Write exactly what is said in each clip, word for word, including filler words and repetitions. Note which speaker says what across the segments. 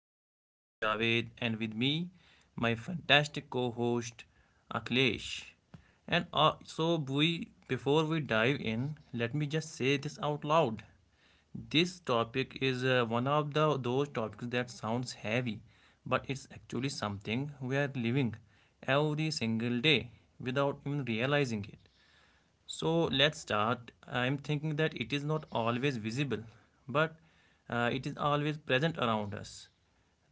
Speaker 1: I'm your host Javed, and with me, my fantastic co host Aklesh. And uh, so, we, before we dive in, let me just say this out loud. This topic is uh, one of the those topics that sounds heavy, but it's actually something we are living every single day without even realizing it. So let's start. I'm thinking that it is not always visible, but uh, it is always present around us.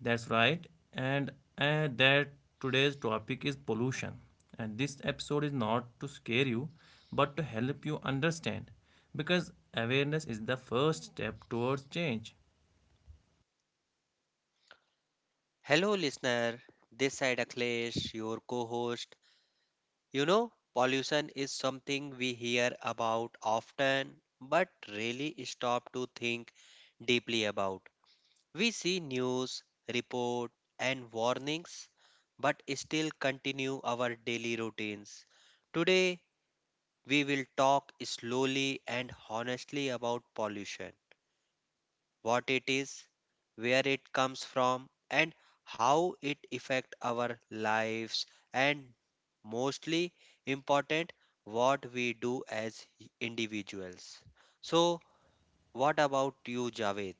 Speaker 1: That's right. And uh, that Today's topic is pollution. And this episode is not to scare you, but to help you understand. Because awareness is the first step towards change.
Speaker 2: Hello, listener. This side Akhilesh, your co host. You know, pollution is something we hear about often but really stop to think deeply about. We see news, report, and warnings but still continue our daily routines. Today, we will talk slowly and honestly about pollution what it is, where it comes from, and how it affect our lives, and mostly important, what we do as individuals. So, what about you, Javed?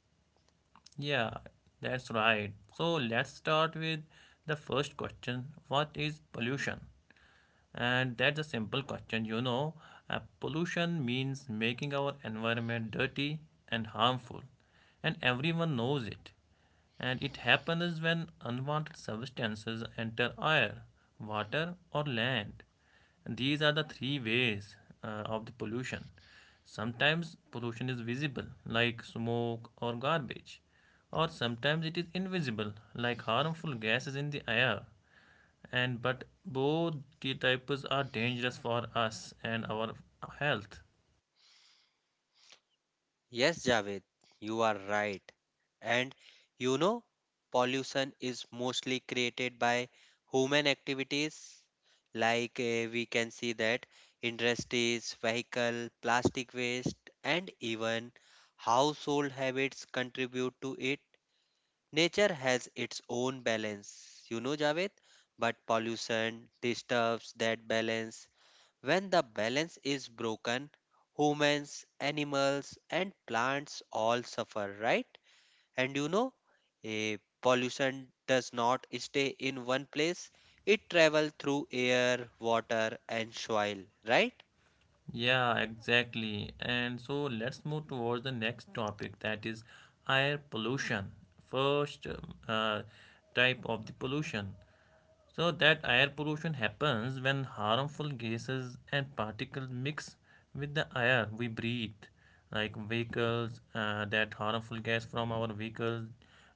Speaker 1: Yeah, that's right. So let's start with the first question: what is pollution? And that's a simple question, you know. Uh, pollution means making our environment dirty and harmful, and everyone knows it. And it happens when unwanted substances enter air, water, or land. And these are the three ways uh, of the pollution. Sometimes pollution is visible, like smoke or garbage, or sometimes it is invisible, like harmful gases in the air, and but both the types are dangerous for us and our health.
Speaker 2: Yes, Javed, you are right. And you know, pollution is mostly created by human activities. Like uh, we can see that industries, vehicle, plastic waste, and even household habits contribute to it. Nature has its own balance, you know, Javed, but pollution disturbs that balance. When the balance is broken, humans, animals, and plants all suffer, right? And you know, a pollution does not stay in one place, it travels through air, water, and soil, right?
Speaker 1: Yeah, exactly. And so let's move towards the next topic, that is air pollution, first um, uh, type of the pollution. So that air pollution happens when harmful gases and particles mix with the air we breathe, like vehicles, uh, that harmful gas from our vehicles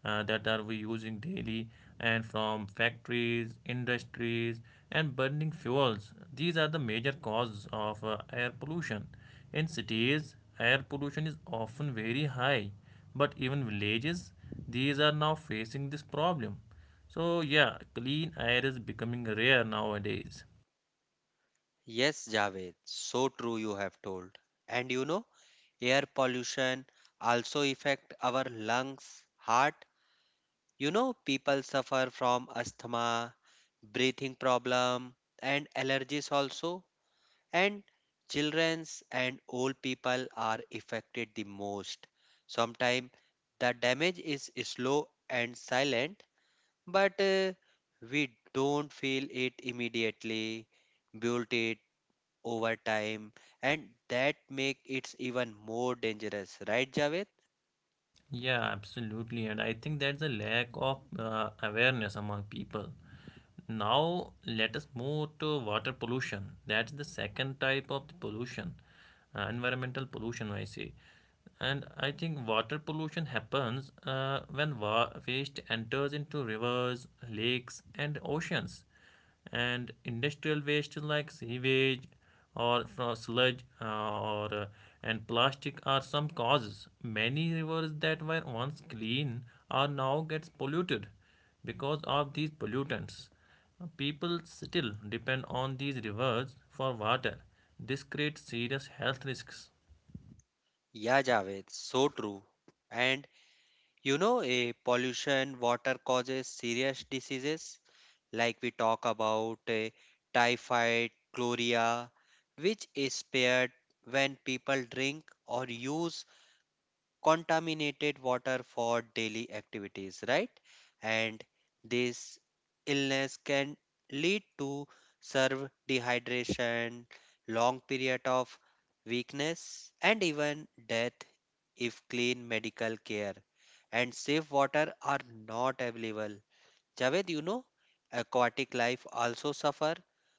Speaker 1: uh, that are we using daily, and from factories, industries, and burning fuels. These are the major causes of uh, air pollution. In cities, air pollution is often very high, but even villages, these are now facing this problem. So yeah, clean air is becoming rare nowadays.
Speaker 2: Yes, Javed, so true you have told. And you know, air pollution also affect our lungs, heart. You know, people suffer from asthma, breathing problem, and allergies also, and children's and old people are affected the most. Sometimes the damage is slow and silent, but uh, we don't feel it immediately. Build it over time, and that make it even more dangerous, right, Javed?
Speaker 1: Yeah, absolutely. And I think that's a lack of uh, awareness among people. Now let us move to water pollution. That's the second type of the pollution, uh, environmental pollution, I say. And I think water pollution happens uh, when wa- waste enters into rivers, lakes, and oceans. And industrial waste like sewage or from sludge uh, or uh, and plastic are some causes. Many rivers that were once clean are now gets polluted because of these pollutants. People still depend on these rivers for water. This creates serious health risks.
Speaker 2: Yeah, Javed, so true. And you know, a pollution water causes serious diseases, like we talk about uh, typhoid, chloria, which is spared when people drink or use contaminated water for daily activities, right? And this illness can lead to serve dehydration, long period of weakness, and even death if clean medical care and safe water are not available. Javed, you know, aquatic life also suffer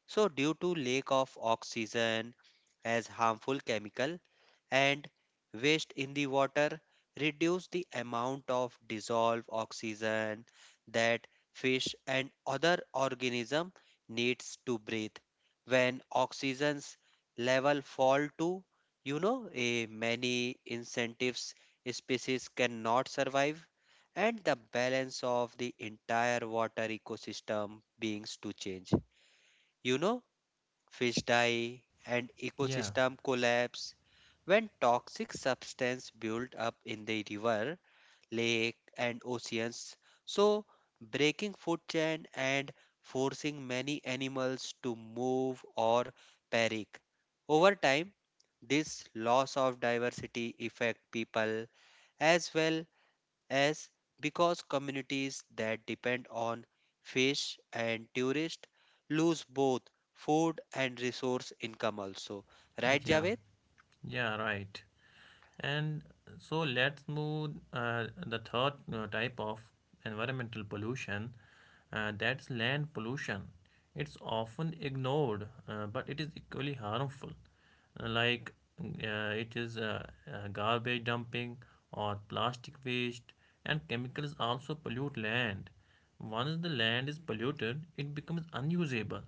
Speaker 2: so due to lack of oxygen, as harmful chemical and waste in the water reduce the amount of dissolved oxygen that fish and other organism needs to breathe. When oxygen's level fall to, you know, a many incentives species cannot survive and the balance of the entire water ecosystem beings to change. You know, fish die, and
Speaker 1: Yeah,
Speaker 2: ecosystem collapse. When toxic substance build up in the river, lake, and oceans, so breaking food chain and forcing many animals to move or perish. Over time, this loss of diversity affect people as well as because communities that depend on fish and tourists lose both food and resource income also. Right,
Speaker 1: yeah,
Speaker 2: Javed?
Speaker 1: yeah, right. And so let's move uh, the third uh, type of environmental pollution, uh, that's land pollution. It's often ignored, uh, but it is equally harmful. Uh, Like uh, it is uh, uh, Garbage dumping or plastic waste, and chemicals also pollute land. Once the land is polluted, it becomes unusable.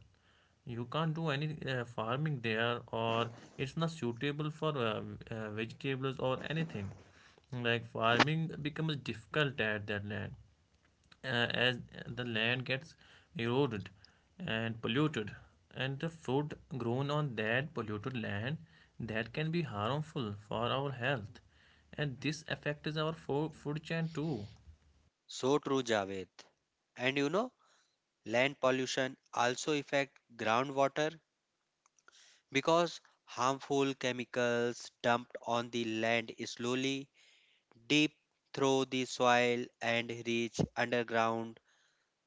Speaker 1: You can't do any uh, farming there, or it's not suitable for uh, uh, vegetables or anything. Like farming becomes difficult at that land uh, as the land gets eroded and polluted, and the food grown on that polluted land that can be harmful for our health, and this affects our fo- food chain too.
Speaker 2: So true, Javed. And you know, land pollution also affect groundwater because harmful chemicals dumped on the land slowly deep through the soil and reach underground,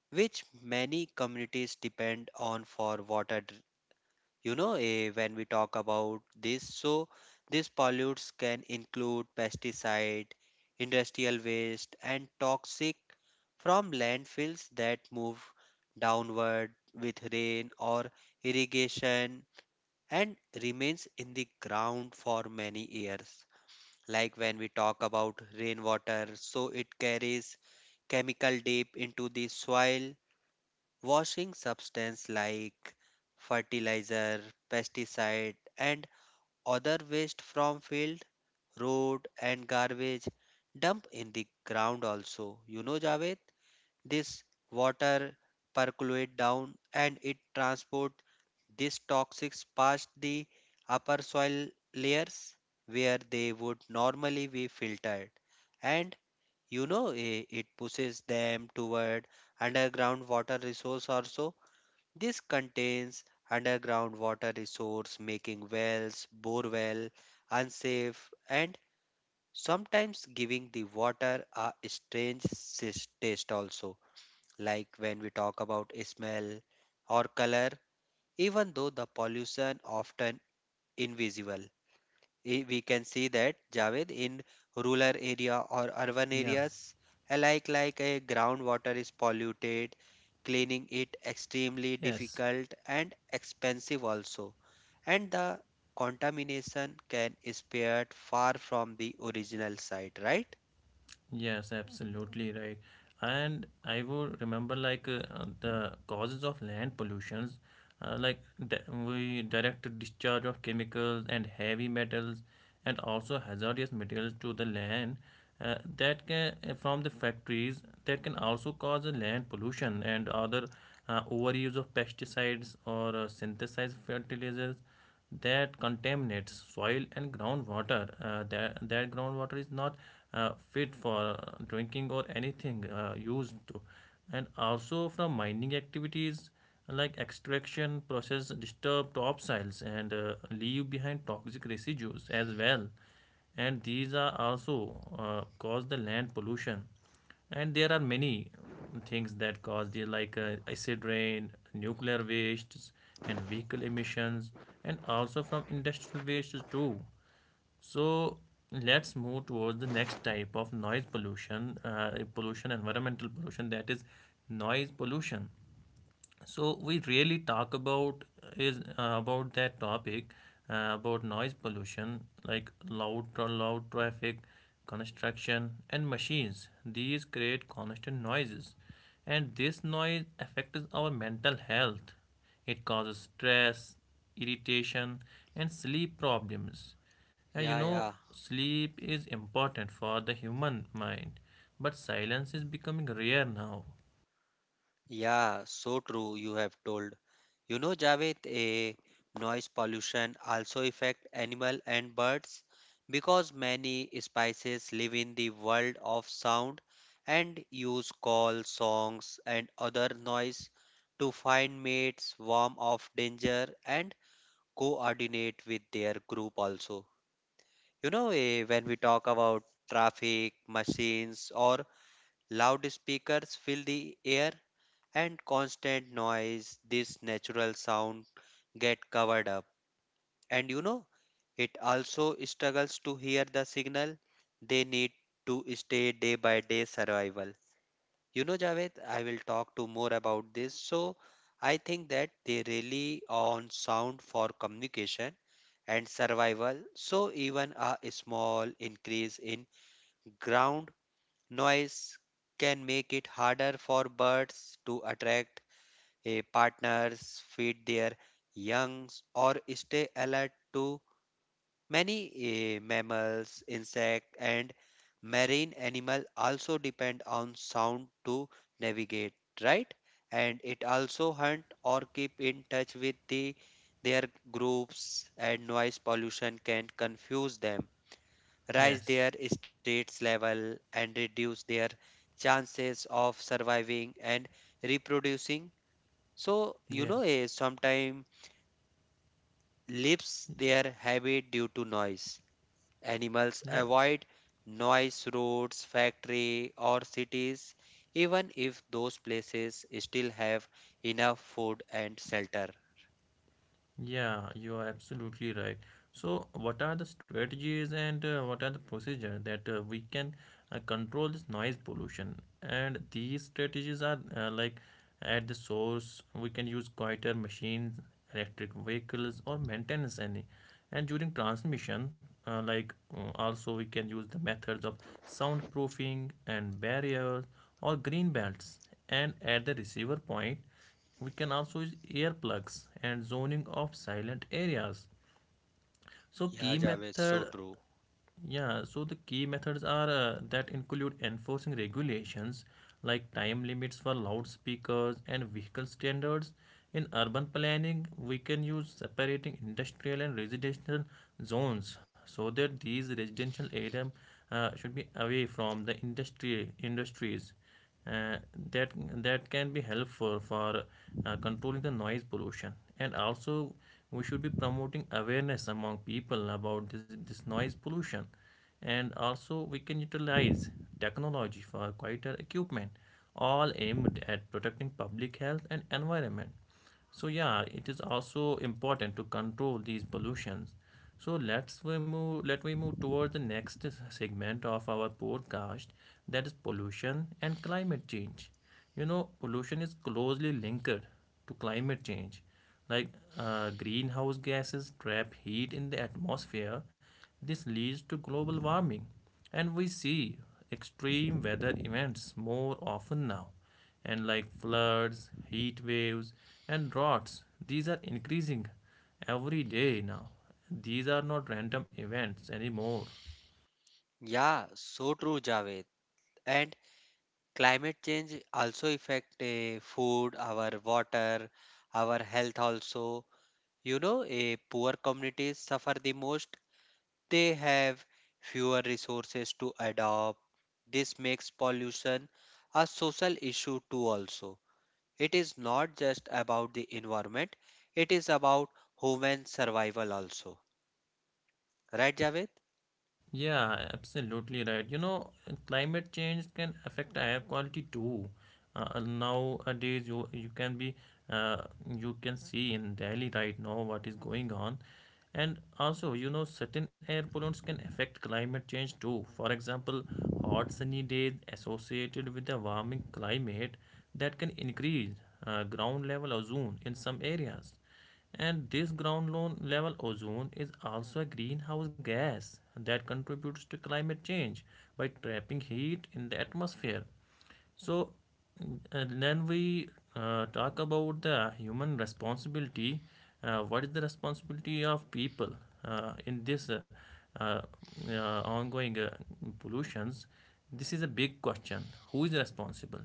Speaker 2: which many communities depend on for water. You know, eh, when we talk about this, so these pollutes can include pesticide, industrial waste, and toxic from landfills that move downward with rain or irrigation and remains in the ground for many years. Like when we talk about rainwater, so it carries chemical deep into the soil. Washing substance like fertilizer, pesticide, and other waste from field, road, and garbage dump in the ground also. You know, Javed, this water percolate down and it transport these toxics past the upper soil layers where they would normally be filtered. And you know, eh, it pushes them toward underground water resource also. This contains underground water resource making wells, borewell unsafe, and sometimes giving the water a strange sis- taste also, like when we talk about smell or color, even though the pollution often invisible. I- we can see that, Javed, in rural area or urban
Speaker 1: Yeah.
Speaker 2: areas alike. Like a groundwater is polluted, cleaning it extremely
Speaker 1: Yes.
Speaker 2: difficult and expensive also, and the contamination can spread far from the original site, right?
Speaker 1: Yes, absolutely right. And I would remember like uh, uh, the causes of land pollutions, uh, like di- we direct discharge of chemicals and heavy metals, and also hazardous materials to the land. Uh, that can uh, from the factories that can also cause a land pollution, and other uh, overuse of pesticides or uh, synthesized fertilizers that contaminates soil and groundwater. Uh, that, that groundwater is not uh, fit for drinking or anything uh, used to. And also from mining activities, like extraction process disturb topsoils and uh, leave behind toxic residues as well. And these are also uh, cause the land pollution. And there are many um, things that cause the like uh, acid rain, nuclear wastes, and vehicle emissions, and also from industrial wastes too. So let's move towards the next type of noise pollution, uh, pollution, environmental pollution, that is noise pollution. So we really talk about is uh, about that topic uh, about noise pollution, like loud tra- loud traffic, construction, and machines. These create constant noises, and this noise affects our mental health. It causes stress, irritation, and sleep problems. And you
Speaker 2: Yeah,
Speaker 1: know,
Speaker 2: yeah.
Speaker 1: sleep is important for the human mind, but silence is becoming rare now.
Speaker 2: Yeah, so true, you have told. You know, Javed, a noise pollution also affect animal and birds, because many species live in the world of sound and use calls, songs, and other noise to find mates, warn of danger, and coordinate with their group also. You know, eh, when we talk about traffic, machines, or loudspeakers fill the air, and constant noise this natural sound get covered up. And you know, it also struggles to hear the signal they need to stay day by day survival. You know, Javed, I will talk to more about this. So I think that they rely on sound for communication and survival, so even a small increase in ground noise can make it harder for birds to attract a partners, feed their youngs, or stay alert to many eh, mammals, insect, and marine animal also depend on sound to navigate, right? And it also hunt or keep in touch with the their groups, and noise pollution can confuse them, raise
Speaker 1: Yes.
Speaker 2: their stress level, and reduce their chances of surviving and reproducing. So, you know,
Speaker 1: Yes.
Speaker 2: a sometime lives their habit due to noise. Animals
Speaker 1: Yeah,
Speaker 2: avoid noise roads, factory, or cities even if those places still have enough food and shelter.
Speaker 1: yeah, you are absolutely right. So, what are the strategies and uh, what are the procedure that uh, we can uh, control this noise pollution? And these strategies are uh, like: at the source, we can use quieter machines, electric vehicles, or maintenance any. And during transmission, uh, like uh, also we can use the methods of soundproofing and barriers or green belts. And at the receiver point, we can also use earplugs and zoning of silent areas. So
Speaker 2: Yeah,
Speaker 1: key
Speaker 2: Javed,
Speaker 1: method,
Speaker 2: so true.
Speaker 1: yeah, so the key methods are uh, that include enforcing regulations like time limits for loudspeakers and vehicle standards. In urban planning, we can use separating industrial and residential zones, so that these residential area uh, should be away from the industry industries uh, that that can be helpful for uh, controlling the noise pollution. And also, we should be promoting awareness among people about this, this noise pollution. And also we can utilize technology for quieter equipment, all aimed at protecting public health and environment. So yeah, it is also important to control these pollutions. So let's we move let we move towards the next segment of our podcast, that is pollution and climate change. You know, pollution is closely linked to climate change. Like, uh, greenhouse gases trap heat in the atmosphere. This leads to global warming, and we see extreme weather events more often now, and like floods, heat waves, and droughts. These are increasing every day now. These are not random events anymore.
Speaker 2: Yeah, so true, Javed. And climate change also affect eh, food, our water, our health also. You know, a poor communities suffer the most, they have fewer resources to adopt. This makes pollution a social issue too also. It is not just about the environment, it is about human survival also. Right, Javed?
Speaker 1: Yeah, absolutely right. You know, climate change can affect air quality too. Uh, nowadays you you can be, uh, you can see in Delhi right now what is going on. And also, you know, certain air pollutants can affect climate change too. For example, hot sunny days associated with a warming climate, that can increase uh, ground level ozone in some areas. And this ground lo- level ozone is also a greenhouse gas that contributes to climate change by trapping heat in the atmosphere. So uh, then we uh, talk about the human responsibility. Uh, what is the responsibility of people uh, in this uh, uh, uh, ongoing uh, pollutions? This is a big question. Who is responsible?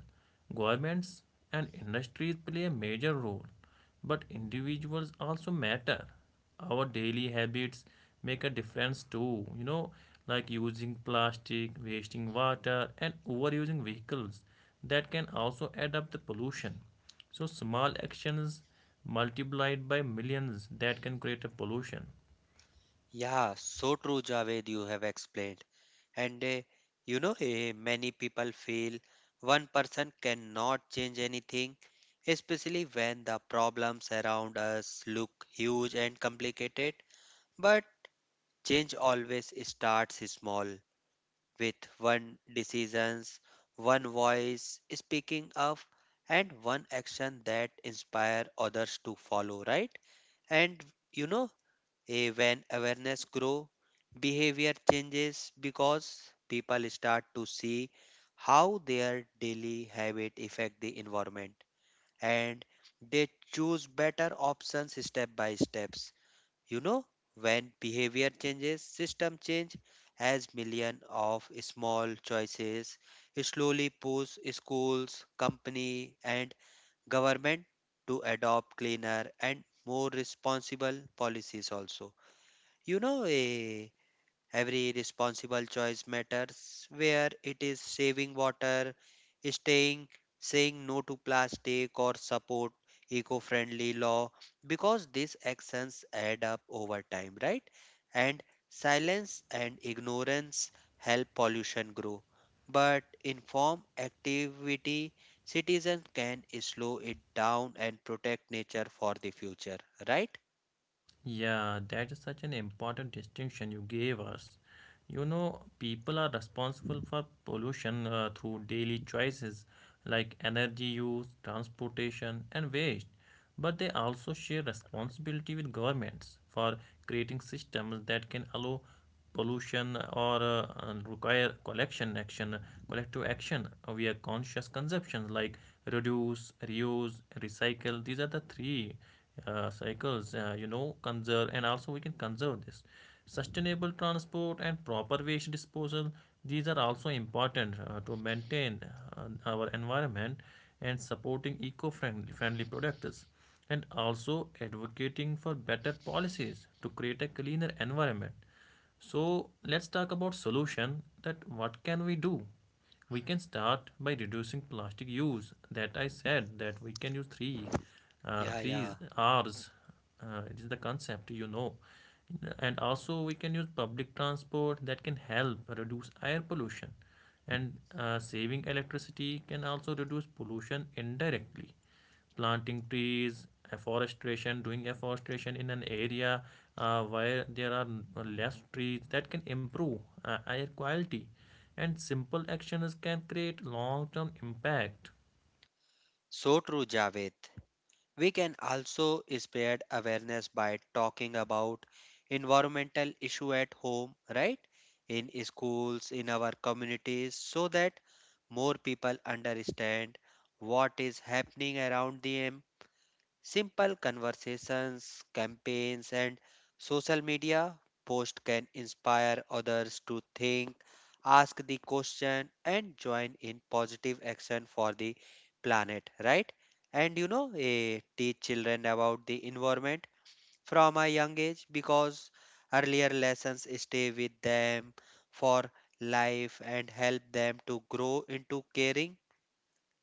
Speaker 1: Governments and industries play a major role, but individuals also matter. Our daily habits make a difference too, you know, like using plastic, wasting water, and overusing vehicles, that can also add up the pollution. So, small actions multiplied by millions, that can create a pollution.
Speaker 2: Yeah, so true, Javed, you have explained. And uh, you know, eh, many people feel one person cannot change anything, especially when the problems around us look huge and complicated. But change always starts small, with one decisions, one voice speaking up, and one action that inspire others to follow, right? And you know, eh, when awareness grow, behavior changes because people start to see how their daily habit affect the environment and they choose better options step by steps. You know, when behavior changes, system change as million of small choices slowly push schools, company, and government to adopt cleaner and more responsible policies also. You know, a every responsible choice matters, where it is saving water, staying, saying no to plastic, or support eco friendly law, because these actions add up over time, right? And silence and ignorance help pollution grow. But informed activity, citizens can slow it down and protect nature for the future, right?
Speaker 1: Yeah, that is such an important distinction you gave us. You know, people are responsible for pollution uh, through daily choices like energy use, transportation, and waste. But they also share responsibility with governments for creating systems that can allow pollution, or uh, uh, require collection action, collective action uh, via conscious consumptions, like reduce, reuse, recycle. These are the three uh, cycles. Uh, you know, conserve, and also we can conserve this sustainable transport and proper waste disposal. These are also important uh, to maintain uh, our environment, and supporting eco-friendly friendly products, and also advocating for better policies to create a cleaner environment. So let's talk about solution, that what can we do. We can start by reducing plastic use. That I said that we can use three uh,
Speaker 2: Yeah,
Speaker 1: three
Speaker 2: yeah.
Speaker 1: r's. Uh, it is the concept, you know. And also we can use public transport, that can help reduce air pollution. And uh, saving electricity can also reduce pollution indirectly. Planting trees, afforestation, doing afforestation in an area uh, where there are less trees, that can improve uh, air quality. And simple actions can create long-term impact.
Speaker 2: So true, Javed. We can also spread awareness by talking about environmental issue at home, right? In schools, in our communities, so that more people understand what is happening around them. Simple conversations, campaigns, and social media posts can inspire others to think, ask the question, and join in positive action for the planet, right? And you know, eh, teach children about the environment from a young age because earlier lessons stay with them for life and help them to grow into caring.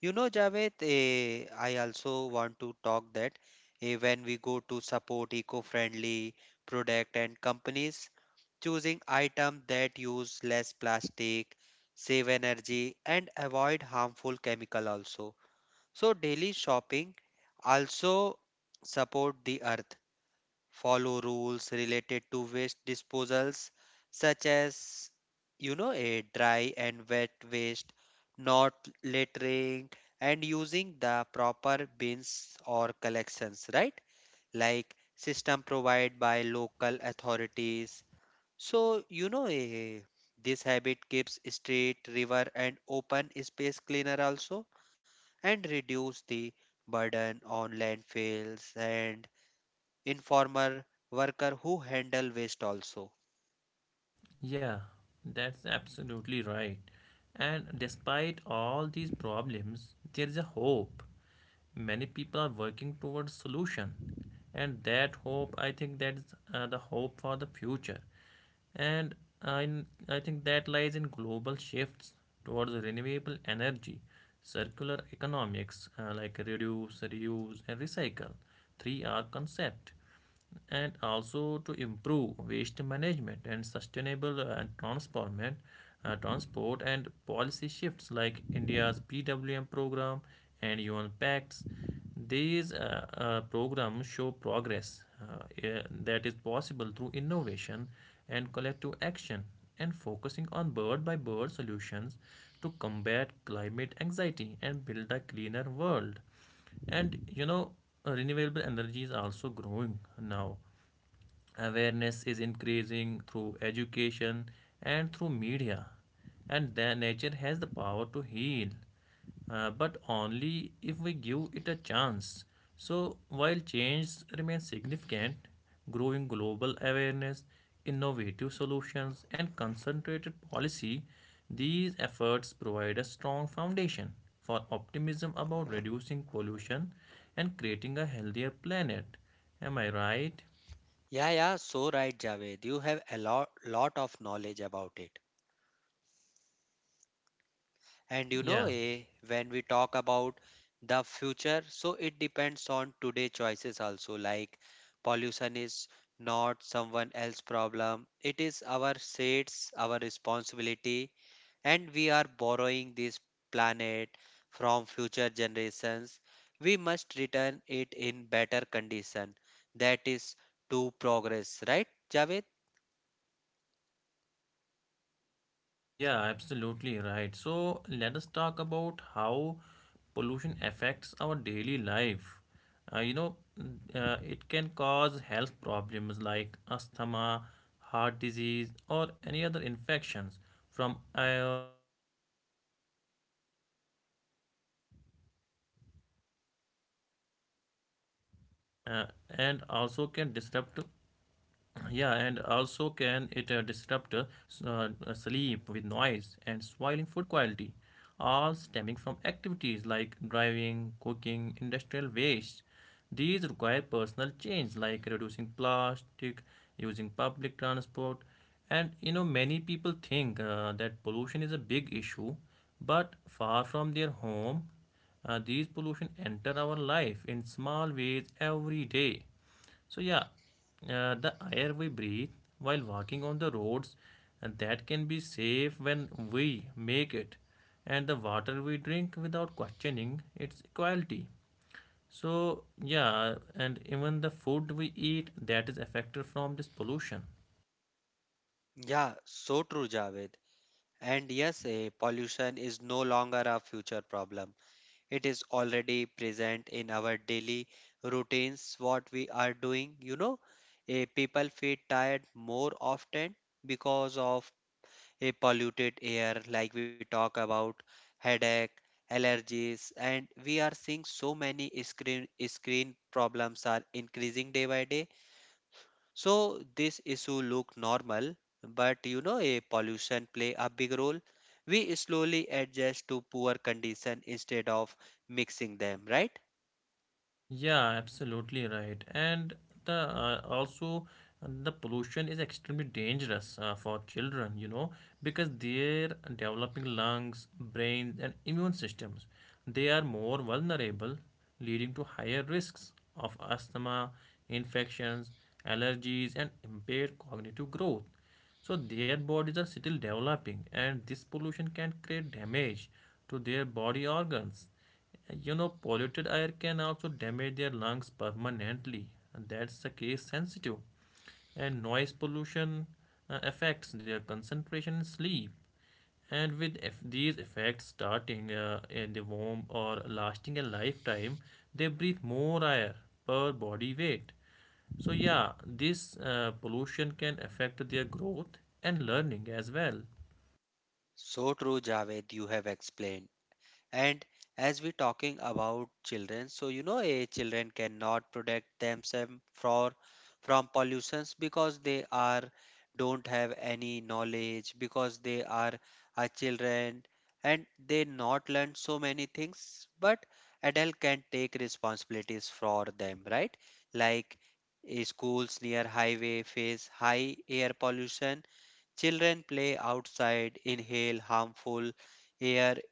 Speaker 2: You know, Javed, eh, I also want to talk that eh, when we go to support eco-friendly product and companies, choosing items that use less plastic, save energy, and avoid harmful chemical also. So daily shopping also support the earth. Follow rules related to waste disposals, such as you know a dry and wet waste, not littering, and using the proper bins or collections, right? Like system provided by local authorities. So you know, a this habit keeps street, river, and open space cleaner also, and reduce the burden on landfills and informer worker who handle waste also.
Speaker 1: Yeah, that's absolutely right. And despite all these problems, there is a hope. Many people are working towards solution, and that hope, I think that's uh, the hope for the future. And I, I think that lies in global shifts towards renewable energy, circular economics, uh, like reduce, reuse, and recycle. Three R concept, and also to improve waste management and sustainable uh, transformation, uh, transport, and policy shifts like India's P W M program and U N pacts. These uh, uh, programs show progress, uh, eh, that is possible through innovation and collective action, and focusing on bird by bird solutions to combat climate anxiety and build a cleaner world. And you know, uh, renewable energies are also growing now. Awareness is increasing through education and through media. And then nature has the power to heal, uh, but only if we give it a chance. So while change remains significant, growing global awareness, innovative solutions, and concentrated policy, these efforts provide a strong foundation for optimism about reducing pollution and creating a healthier planet. Am I right?
Speaker 2: Yeah, yeah, so right, Javed, you have a lot, lot of knowledge about it. And you know,
Speaker 1: Yeah.
Speaker 2: eh, when we talk about the future, so it depends on today choices also. Like pollution is not someone else's problem, it is our states, our responsibility, and we are borrowing this planet from future generations. We must return it in better condition. That is to progress, right, Javed?
Speaker 1: Yeah, absolutely right. So let us talk about how pollution affects our daily life. Uh, you know, uh, it can cause health problems like asthma, heart disease, or any other infections from air, water, and soil contaminations, and disrupt uh, and also can disrupt yeah, and also can it uh, disrupt uh, s- uh, uh, sleep with noise and spoiling food quality, all stemming from activities like driving, cooking, industrial waste. These require personal change like reducing plastic, using public transport, and you know many people think uh, that pollution is a big issue, but far from their home. Uh, these pollution enter our life in small ways every day. So yeah, uh, the air we breathe while walking on the roads, and that can be safe when we make it, and the water we drink without questioning its quality. So yeah, and even the food we eat that is affected from this pollution.
Speaker 2: Yeah, so true, Javed. And yes, eh, pollution is no longer a future problem. It is already present in our daily routines, what we are doing. You know, eh, people feel tired more often because of a polluted air, like we talk about headache, allergies, and we are seeing so many screen screen problems are increasing day by day. So this issue look normal, but you know a pollution play a big role. We slowly adjust to poor condition instead of mixing them, right?
Speaker 1: Yeah, absolutely right. And the uh, also uh, the pollution is extremely dangerous uh, for children, you know, because their developing lungs, brains, and immune systems, they are more vulnerable, leading to higher risks of asthma, infections, allergies, and impaired cognitive growth. So their bodies are still developing, and this pollution can create damage to their body organs. You know, polluted air can also damage their lungs permanently, and that's the case sensitive. And noise pollution uh, affects their concentration and sleep. And with eff- these effects starting uh, in the womb or lasting a lifetime, they breathe more air per body weight. So, yeah, this uh, pollution can affect their growth and learning as well.
Speaker 2: So true, Javed, you have explained. And as we talking about children, so you know a children cannot protect themselves for from pollutions because they are don't have any knowledge, because they are a children and they not learn so many things. But adult can take responsibilities for them, right? Like eh, schools near highway face high air pollution, children play outside inhale harmful air,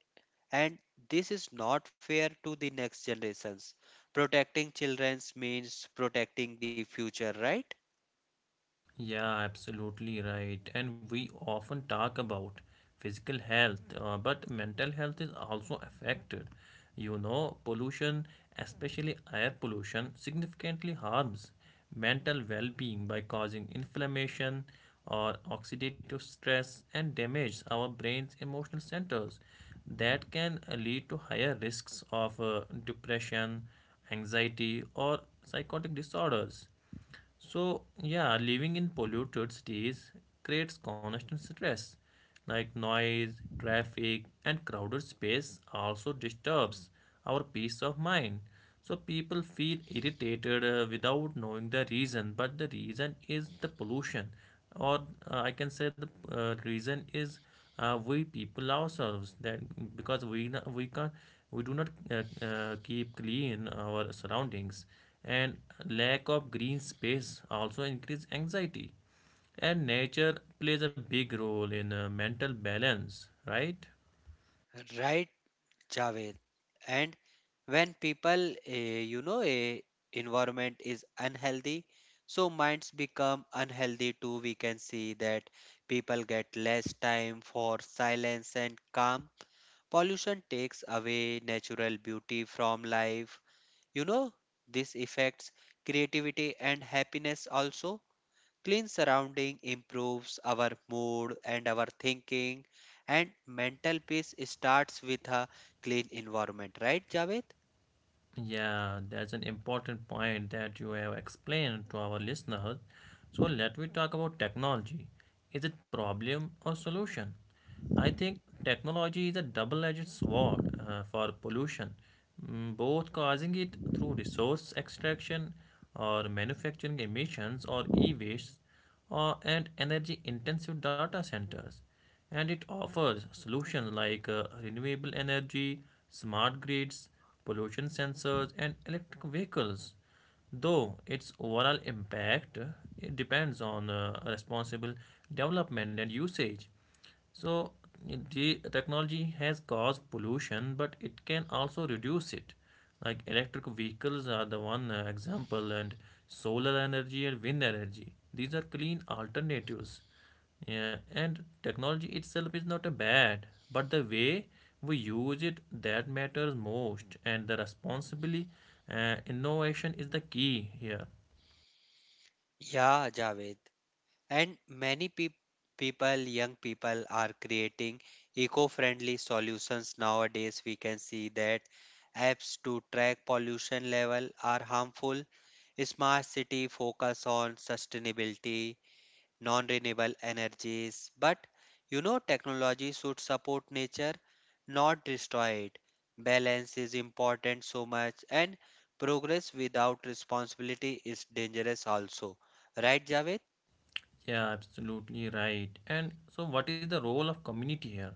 Speaker 2: and this is not fair to the next generations. Protecting children means protecting the future, right?
Speaker 1: Yeah, absolutely right. And we often talk about physical health, uh, but mental health is also affected. You know, pollution, especially air pollution, significantly harms mental well being by causing inflammation or oxidative stress and damage our brain's emotional centers. That can uh, lead to higher risks of uh, depression, anxiety, or psychotic disorders. So, yeah, living in polluted cities creates constant stress, like noise, traffic, and crowded space also disturbs our peace of mind. So, people feel irritated uh, without knowing the reason, but the reason is the pollution, or uh, I can say the uh, reason is uh, we people ourselves that because we no- we can we do not uh, uh, keep clean our surroundings, and lack of green space also increase anxiety, and nature plays a big role in uh, mental balance, right?
Speaker 2: Right, Javed. And when people eh, you know a environment is unhealthy, so minds become unhealthy too. We can see that people get less time for silence and calm. Pollution takes away natural beauty from life. You know, this affects creativity and happiness also. Clean surrounding improves our mood and our thinking, and mental peace starts with a clean environment, right, Javed?
Speaker 1: Yeah, that's an important point that you have explained to our listeners. So let me talk about technology. Is it problem or solution? I think technology is a double-edged sword uh, for pollution, mm, both causing it through resource extraction or manufacturing emissions or e-waste or and energy-intensive data centers, and it offers solutions like uh, renewable energy, smart grids, pollution sensors, and electric vehicles. Though its overall impact uh, it depends on uh, responsible development and usage. So the technology has caused pollution, but it can also reduce it. Like electric vehicles are the one uh, example, and solar energy and wind energy. These are clean alternatives. Yeah, and technology itself is not a bad, but the way we use it that matters most, and the responsibly uh, innovation is the key here.
Speaker 2: Yeah, Javed. And many peop people, young people are creating eco-friendly solutions nowadays. We can see that apps to track pollution level are harmful. Smart city focus on sustainability, non renewable energies. But you know, technology should support nature, not destroy it. Balance is important so much, and progress without responsibility is dangerous also. Right, Javed?
Speaker 1: Yeah, absolutely right. And so, what is the role of community here?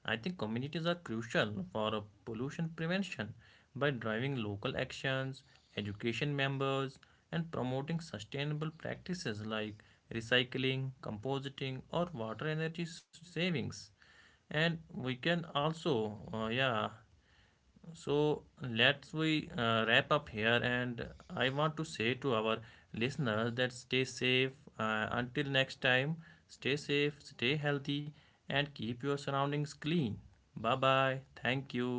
Speaker 1: I think communities are crucial for uh, pollution prevention by driving local actions, education members, and promoting sustainable practices like recycling, compositing, or water energy s- savings. And we can also, uh, yeah, so let's we uh, wrap up here, and I want to say to our listeners that stay safe. Uh, until next time, stay safe, stay healthy, and keep your surroundings clean. Bye bye. Thank you.